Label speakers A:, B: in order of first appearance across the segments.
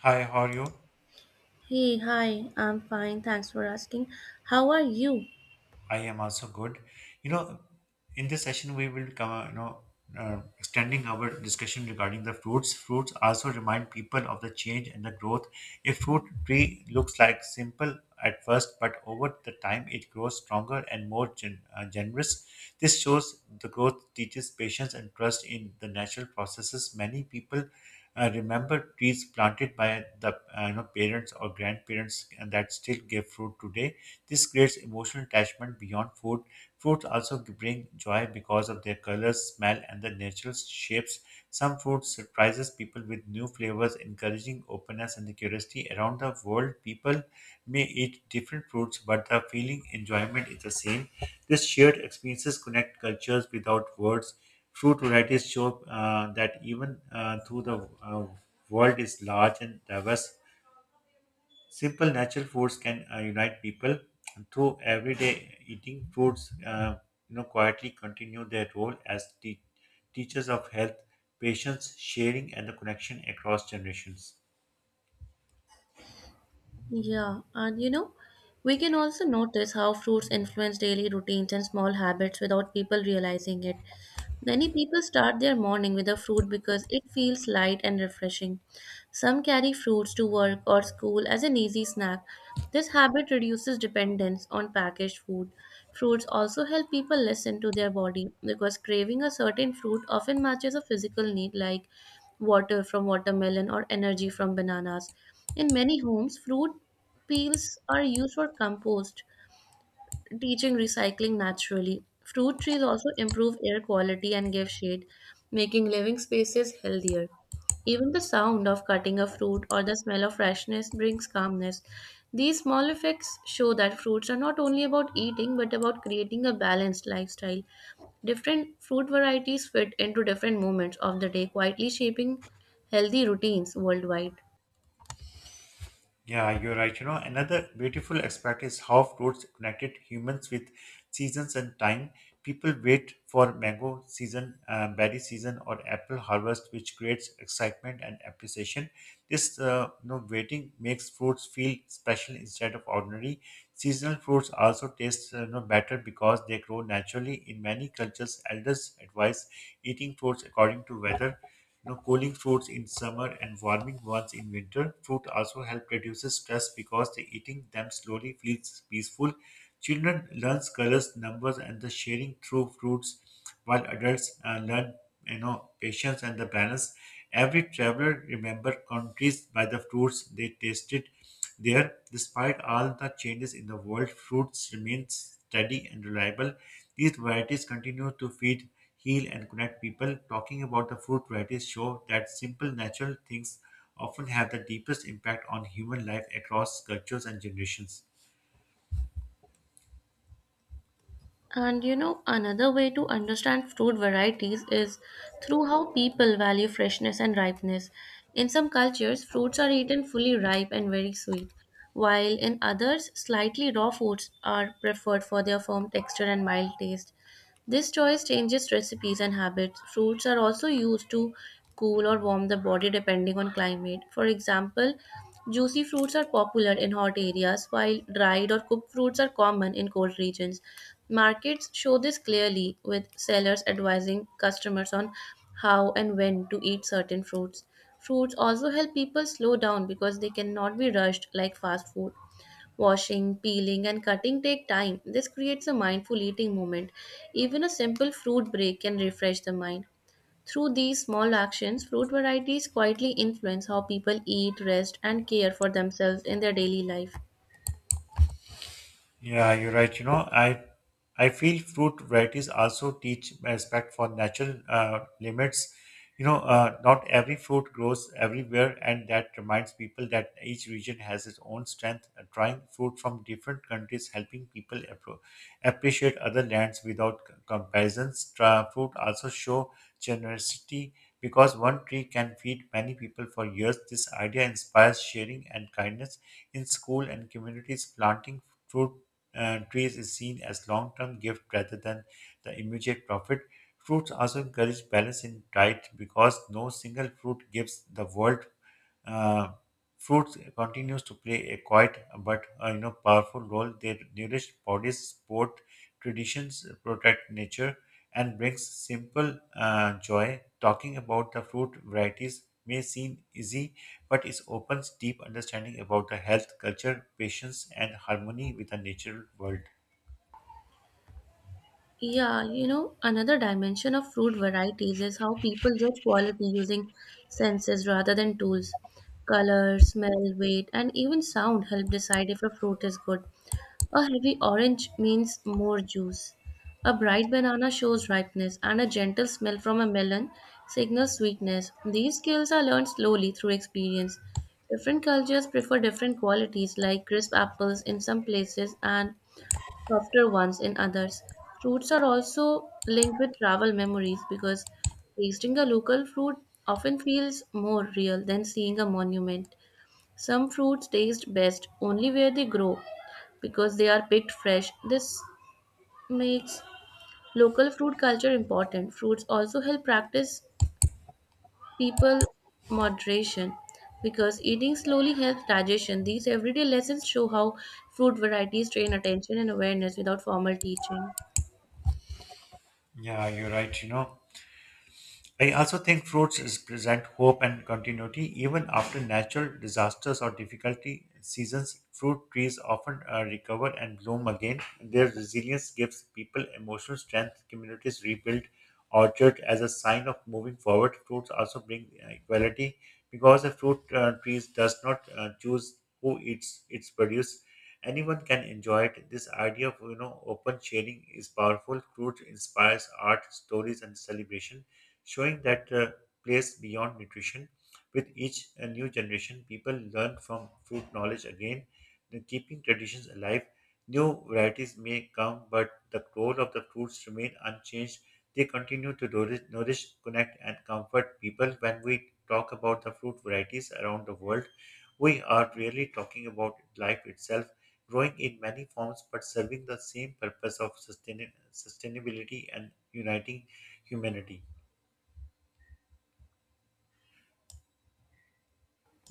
A: Hi, how are you?
B: Hey, hi, I'm fine. Thanks for asking. How are you?
A: I am also good. You know, in this session we will come, extending our discussion regarding the fruits. Fruits also remind people of the change and the growth. A fruit tree looks like simple at first, but over the time it grows stronger and more generous. This shows the growth teaches patience and trust in the natural processes. Many people remember trees planted by the parents or grandparents and that still give fruit today. This creates emotional attachment beyond food. Fruits also bring joy because of their colors, smell, and the natural shapes. Some fruit surprises people with new flavors, encouraging openness and the curiosity around the world. People may eat different fruits, but the feeling enjoyment is the same. This shared experiences connect cultures without words. True varieties show that even though the world is large and diverse, simple natural foods can unite people. Through everyday eating, foods quietly continue their role as teachers of health, patience, sharing, and the connection across generations.
B: Yeah, and you know, we can also notice how fruits influence daily routines and small habits without people realizing it. Many people start their morning with a fruit because it feels light and refreshing. Some carry fruits to work or school as an easy snack. This habit reduces dependence on packaged food. Fruits also help people listen to their body because craving a certain fruit often matches a physical need like water from watermelon or energy from bananas. In many homes, fruit peels are used for compost teaching recycling naturally. Fruit trees also improve air quality and give shade, making living spaces healthier. Even the sound of cutting a fruit or the smell of freshness brings calmness. These small effects show that fruits are not only about eating but about creating a balanced lifestyle. Different fruit varieties fit into different moments of the day, quietly shaping healthy routines worldwide.
A: Yeah, you're right. You know, another beautiful aspect is how fruits connected humans with seasons and time. People wait for mango season, berry season, or apple harvest, which creates excitement and appreciation. This waiting makes fruits feel special instead of ordinary. Seasonal fruits also taste better because they grow naturally. In many cultures, elders advise eating fruits according to weather, you know, cooling fruits in summer and warming ones in winter. Fruit also help reduces stress because the eating them slowly feels peaceful. Children learns colors, numbers, and the sharing through fruits, while adults learn, you know, patience and the balance. Every traveler remember countries by the fruits they tasted there. Despite all the changes in the world, fruits remain steady and reliable. These varieties continue to feed, heal, and connect people. Talking about the fruit varieties show that simple natural things often have the deepest impact on human life across cultures and generations.
B: Another way to understand fruit varieties is through how people value freshness and ripeness. In some cultures, fruits are eaten fully ripe and very sweet, while in others, slightly raw fruits are preferred for their firm texture and mild taste. This choice changes recipes and habits. Fruits are also used to cool or warm the body depending on climate. For example, juicy fruits are popular in hot areas, while dried or cooked fruits are common in cold regions. Markets show this clearly, with sellers advising customers on how and when to eat certain fruits. Fruits also help people slow down because they cannot be rushed like fast food. Washing, peeling, and cutting take time. This creates a mindful eating moment. Even a simple fruit break can refresh the mind. Through these small actions, fruit varieties quietly influence how people eat, rest, and care for themselves in their daily life.
A: Yeah, you're right. You know, I feel fruit varieties also teach respect for natural limits. Not every fruit grows everywhere, and that reminds people that each region has its own strength. Trying fruit from different countries, helping people appreciate other lands without comparisons. Fruit also show generosity because one tree can feed many people for years. This idea inspires sharing and kindness in school and communities. Planting fruit trees is seen as long-term gift rather than the immediate profit. Fruits also encourage balance in diet because no single fruit gives the world. Uh, Fruits continues to play a quiet but, you know, powerful role. They nourish bodies, support traditions, protect nature, and brings simple joy. Talking about the fruit varieties may seem easy, but it opens deep understanding about the health, culture, patience, and harmony with the natural world.
B: Another dimension of fruit varieties is how people judge quality using senses rather than tools. Color, smell, weight, and even sound help decide if a fruit is good. A heavy orange means more juice. A bright banana shows ripeness, and a gentle smell from a melon signals sweetness. These skills are learned slowly through experience. Different cultures prefer different qualities, like crisp apples in some places and softer ones in others. Fruits are also linked with travel memories because tasting a local fruit often feels more real than seeing a monument. Some fruits taste best only where they grow because they are picked fresh. This makes local fruit culture important. Fruits also help practice people moderation because eating slowly helps digestion. These everyday lessons show how fruit varieties train attention and awareness without formal teaching.
A: Yeah, you're right. You know, I also think fruits is present hope and continuity even after natural disasters or difficulty seasons. Fruit trees often recover and bloom again. Their resilience gives people emotional strength. Communities rebuild orchard as a sign of moving forward. Fruits also bring equality because a fruit trees does not choose who eats its produce. Anyone can enjoy it. This idea of, you know, open sharing is powerful. Fruit inspires art, stories, and celebration, showing that place beyond nutrition. With each new generation, people learn from food knowledge again, and keeping traditions alive. New varieties may come, but the role of the fruits remain unchanged. They continue to nourish, connect, and comfort people. When we talk about the fruit varieties around the world, we are really talking about life itself, growing in many forms but serving the same purpose of sustainability and uniting humanity.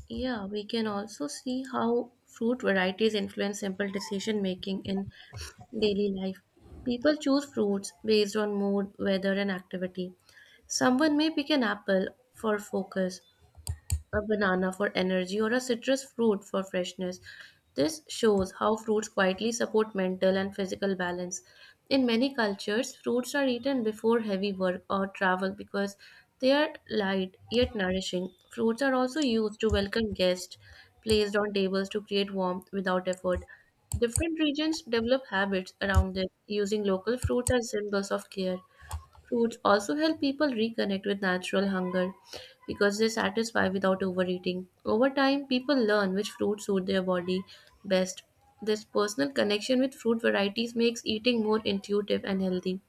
B: Yeah, we can also see how fruit varieties influence simple decision making in daily life. People choose fruits based on mood, weather, and activity. Someone may pick an apple for focus, a banana for energy, or a citrus fruit for freshness. This shows how fruits quietly support mental and physical balance. In many cultures, fruits are eaten before heavy work or travel because they are light yet nourishing. Fruits are also used to welcome guests placed on tables to create warmth without effort. Different regions develop habits around this, using local fruits as symbols of care. Fruits also help people reconnect with natural hunger because they satisfy without overeating. Over time, people learn which fruits suit their body best. This personal connection with fruit varieties makes eating more intuitive and healthy,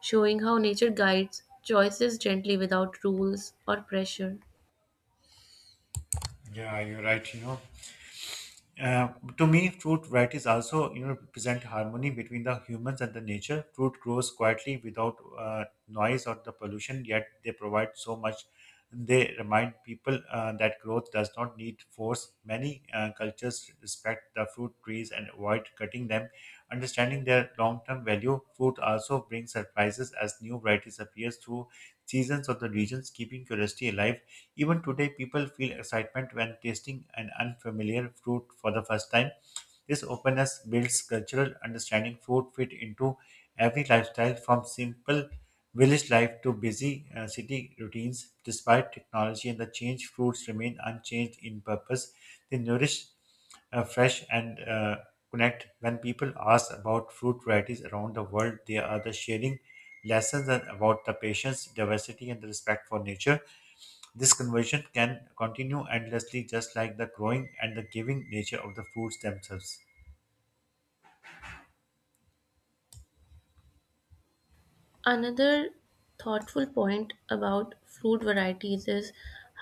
B: showing how nature guides choices gently without rules or pressure.
A: Yeah, you're right, you know. To me, fruit varieties also, you know, represent harmony between the humans and the nature. Fruit grows quietly without noise or the pollution, yet they provide so much. They remind people that growth does not need force. Many cultures respect the fruit trees and avoid cutting them. Understanding their long-term value, fruit also brings surprises as new varieties appear through seasons of the regions, keeping curiosity alive. Even today, people feel excitement when tasting an unfamiliar fruit for the first time. This openness builds cultural understanding. Food fit into every lifestyle from simple village life to busy city routines. Despite technology and the change, fruits remain unchanged in purpose. They nourish, fresh, and connect. When people ask about fruit varieties around the world, they are the sharing lessons and about the patience, diversity, and the respect for nature. This conversion can continue endlessly, just like the growing and the giving nature of the foods themselves.
B: Another thoughtful point about fruit varieties is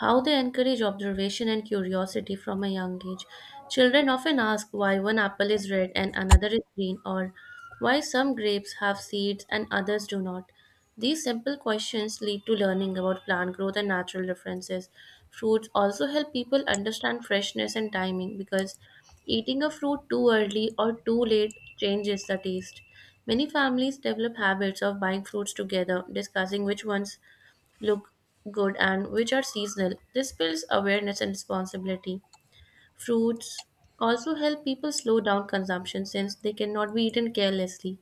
B: how they encourage observation and curiosity from a young age. Children often ask why one apple is red and another is green, or why some grapes have seeds and others do not. These simple questions lead to learning about plant growth and natural differences. Fruits also help people understand freshness and timing because eating a fruit too early or too late changes the taste. Many families develop habits of buying fruits together, discussing which ones look good and which are seasonal. This builds awareness and responsibility. Fruits also help people slow down consumption since they cannot be eaten carelessly.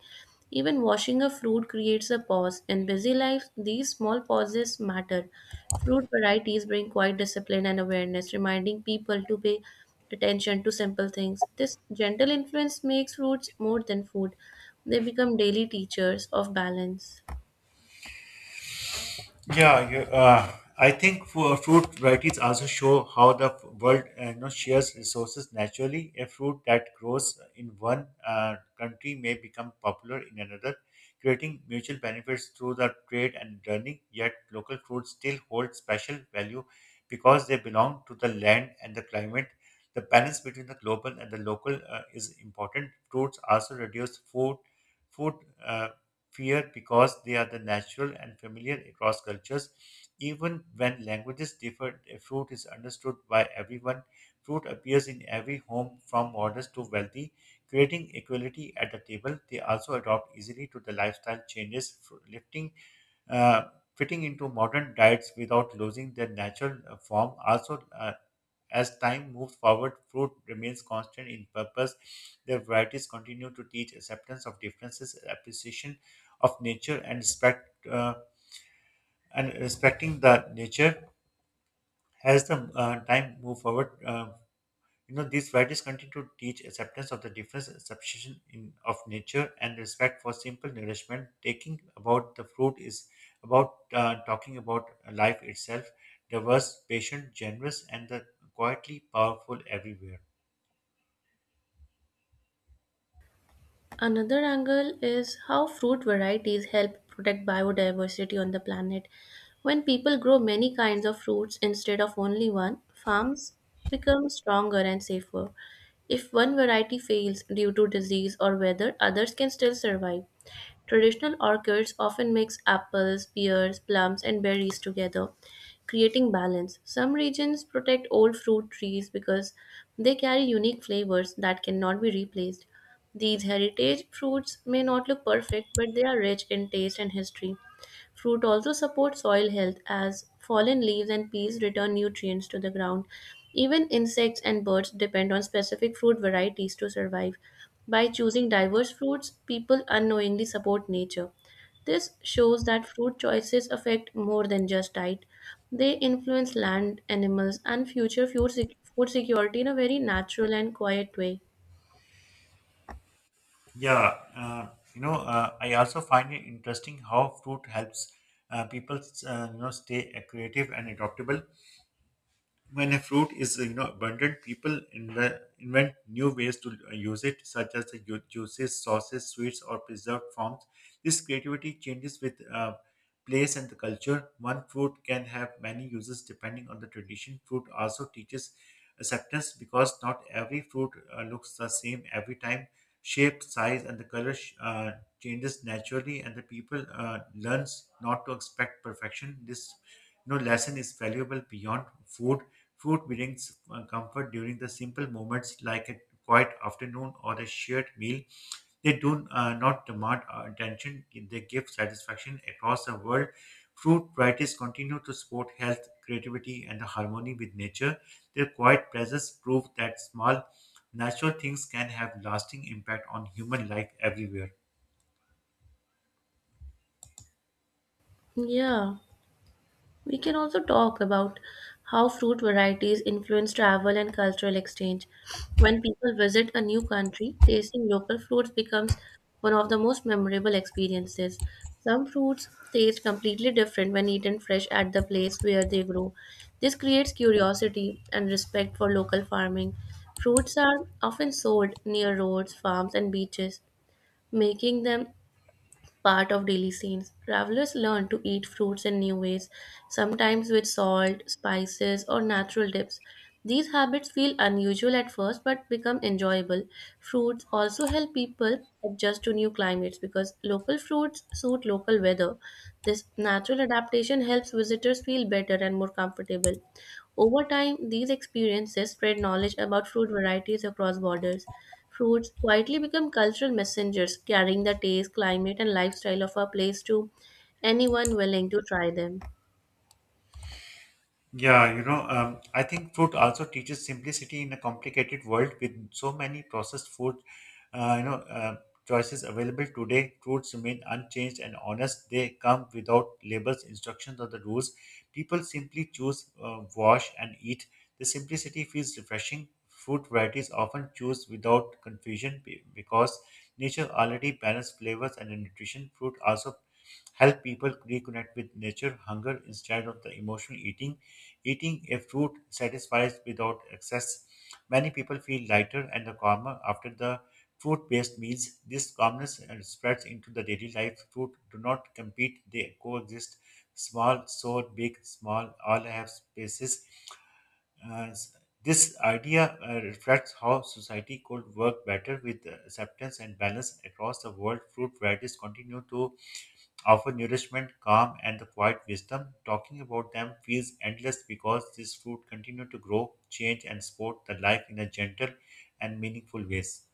B: Even washing a fruit creates a pause. In busy life, these small pauses matter. Fruit varieties bring quiet discipline and awareness, reminding people to pay attention to simple things. This gentle influence makes fruits more than food, they become daily teachers of balance.
A: Yeah, I think for fruit varieties also show how the world, you know, shares resources naturally. A fruit that grows in one country may become popular in another, creating mutual benefits through the trade and learning. Yet, local fruits still hold special value because they belong to the land and the climate. The balance between the global and the local is important. Fruits also reduce food, Uh, fear because they are the natural and familiar across cultures. Even when languages differ, a fruit is understood by everyone. Fruit appears in every home, from modest to wealthy, creating equality at the table. They also adopt easily to the lifestyle changes, lifting, uh, fitting into modern diets without losing their natural form. Also, as time moves forward, fruit remains constant in purpose. Their varieties continue to teach acceptance of differences, appreciation of nature, and respect. And respecting the nature as the time move forward. You know, these varieties continue to teach acceptance of the difference, substitution in, of nature, and respect for simple nourishment. Taking about the fruit is about, talking about life itself, diverse, patient, generous, and the quietly powerful everywhere.
B: Another angle is how fruit varieties help protect biodiversity on the planet. When people grow many kinds of fruits instead of only one, farms become stronger and safer. If one variety fails due to disease or weather, others can still survive. Traditional orchards often mix apples, pears, plums, and berries together, creating balance. Some regions protect old fruit trees because they carry unique flavors that cannot be replaced. These heritage fruits may not look perfect, but they are rich in taste and history. Fruit also support soil health as fallen leaves and peas return nutrients to the ground. Even insects and birds depend on specific fruit varieties to survive. By choosing diverse fruits, people unknowingly support nature. This shows that fruit choices affect more than just diet. They influence land, animals, and future food, food security in a very natural and quiet way.
A: Yeah, I also find it interesting how fruit helps people, you know, stay creative and adaptable. When a fruit is, you know, abundant, people invent new ways to use it, such as the juices, sauces, sweets, or preserved forms. This creativity changes with, place and the culture. One fruit can have many uses depending on the tradition. Fruit also teaches acceptance because not every fruit looks the same every time. Shape, size, and the color changes naturally, and the people learns not to expect perfection. This, you know, lesson is valuable beyond food. Food brings comfort during the simple moments like a quiet afternoon or a shared meal. They do not demand our attention, they give satisfaction across the world. Fruit varieties continue to support health, creativity, and harmony with nature. Their quiet presence prove that small, natural things can have lasting impact on human life everywhere.
B: Yeah. We can also talk about how fruit varieties influence travel and cultural exchange. When people visit a new country, tasting local fruits becomes one of the most memorable experiences. Some fruits taste completely different when eaten fresh at the place where they grow. This creates curiosity and respect for local farming. Fruits are often sold near roads, farms, and beaches, making them part of daily scenes. Travelers learn to eat fruits in new ways, sometimes with salt, spices, or natural dips. These habits feel unusual at first but become enjoyable. Fruits also help people adjust to new climates because local fruits suit local weather. This natural adaptation helps visitors feel better and more comfortable. Over time, these experiences spread knowledge about fruit varieties across borders. Fruits quietly become cultural messengers, carrying the taste, climate, and lifestyle of a place to anyone willing to try them.
A: Yeah, I think food also teaches simplicity in a complicated world with so many processed food, uh, you know, uh, choices available today. Fruits remain unchanged and honest. They come without labels, instructions, or the rules. People simply choose, wash, and eat. The simplicity feels refreshing. Food varieties often choose without confusion because nature already balances flavors and nutrition. Fruit also help people reconnect with nature hunger instead of the emotional eating a fruit satisfies without excess. Many people feel lighter and calmer after the fruit-based meals. This calmness spreads into the daily life. Fruit do not compete, they coexist. Small so big, small, all have spaces. Uh, this idea uh, reflects how society could work better with acceptance and balance across the world. Fruit varieties continue to offer nourishment, calm, and the quiet wisdom. Talking about them feels endless because this fruit continues to grow, change, and support the life in a gentle and meaningful ways.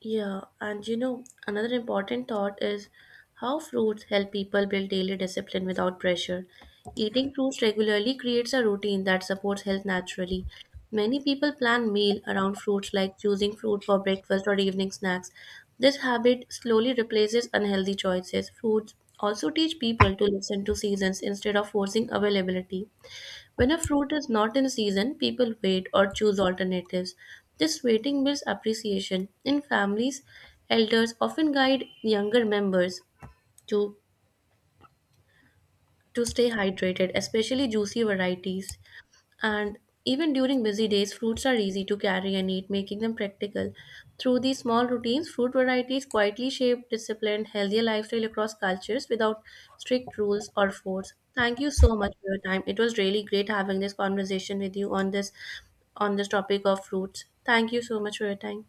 B: Another important thought is how fruits help people build daily discipline without pressure. Eating fruits regularly creates a routine that supports health naturally. Many people plan meal around fruits like choosing fruit for breakfast or evening snacks. This habit slowly replaces unhealthy choices. Fruits also teach people to listen to seasons instead of forcing availability. When a fruit is not in season, people wait or choose alternatives. This waiting builds appreciation. In families, elders often guide younger members to, to stay hydrated, especially juicy varieties. And even during busy days, fruits are easy to carry and eat, making them practical. Through these small routines, fruit varieties quietly shape disciplined, healthier lifestyle across cultures without strict rules or force. Thank you so much for your time. It was really great having this conversation with you on this topic of fruits. Thank you so much for your time.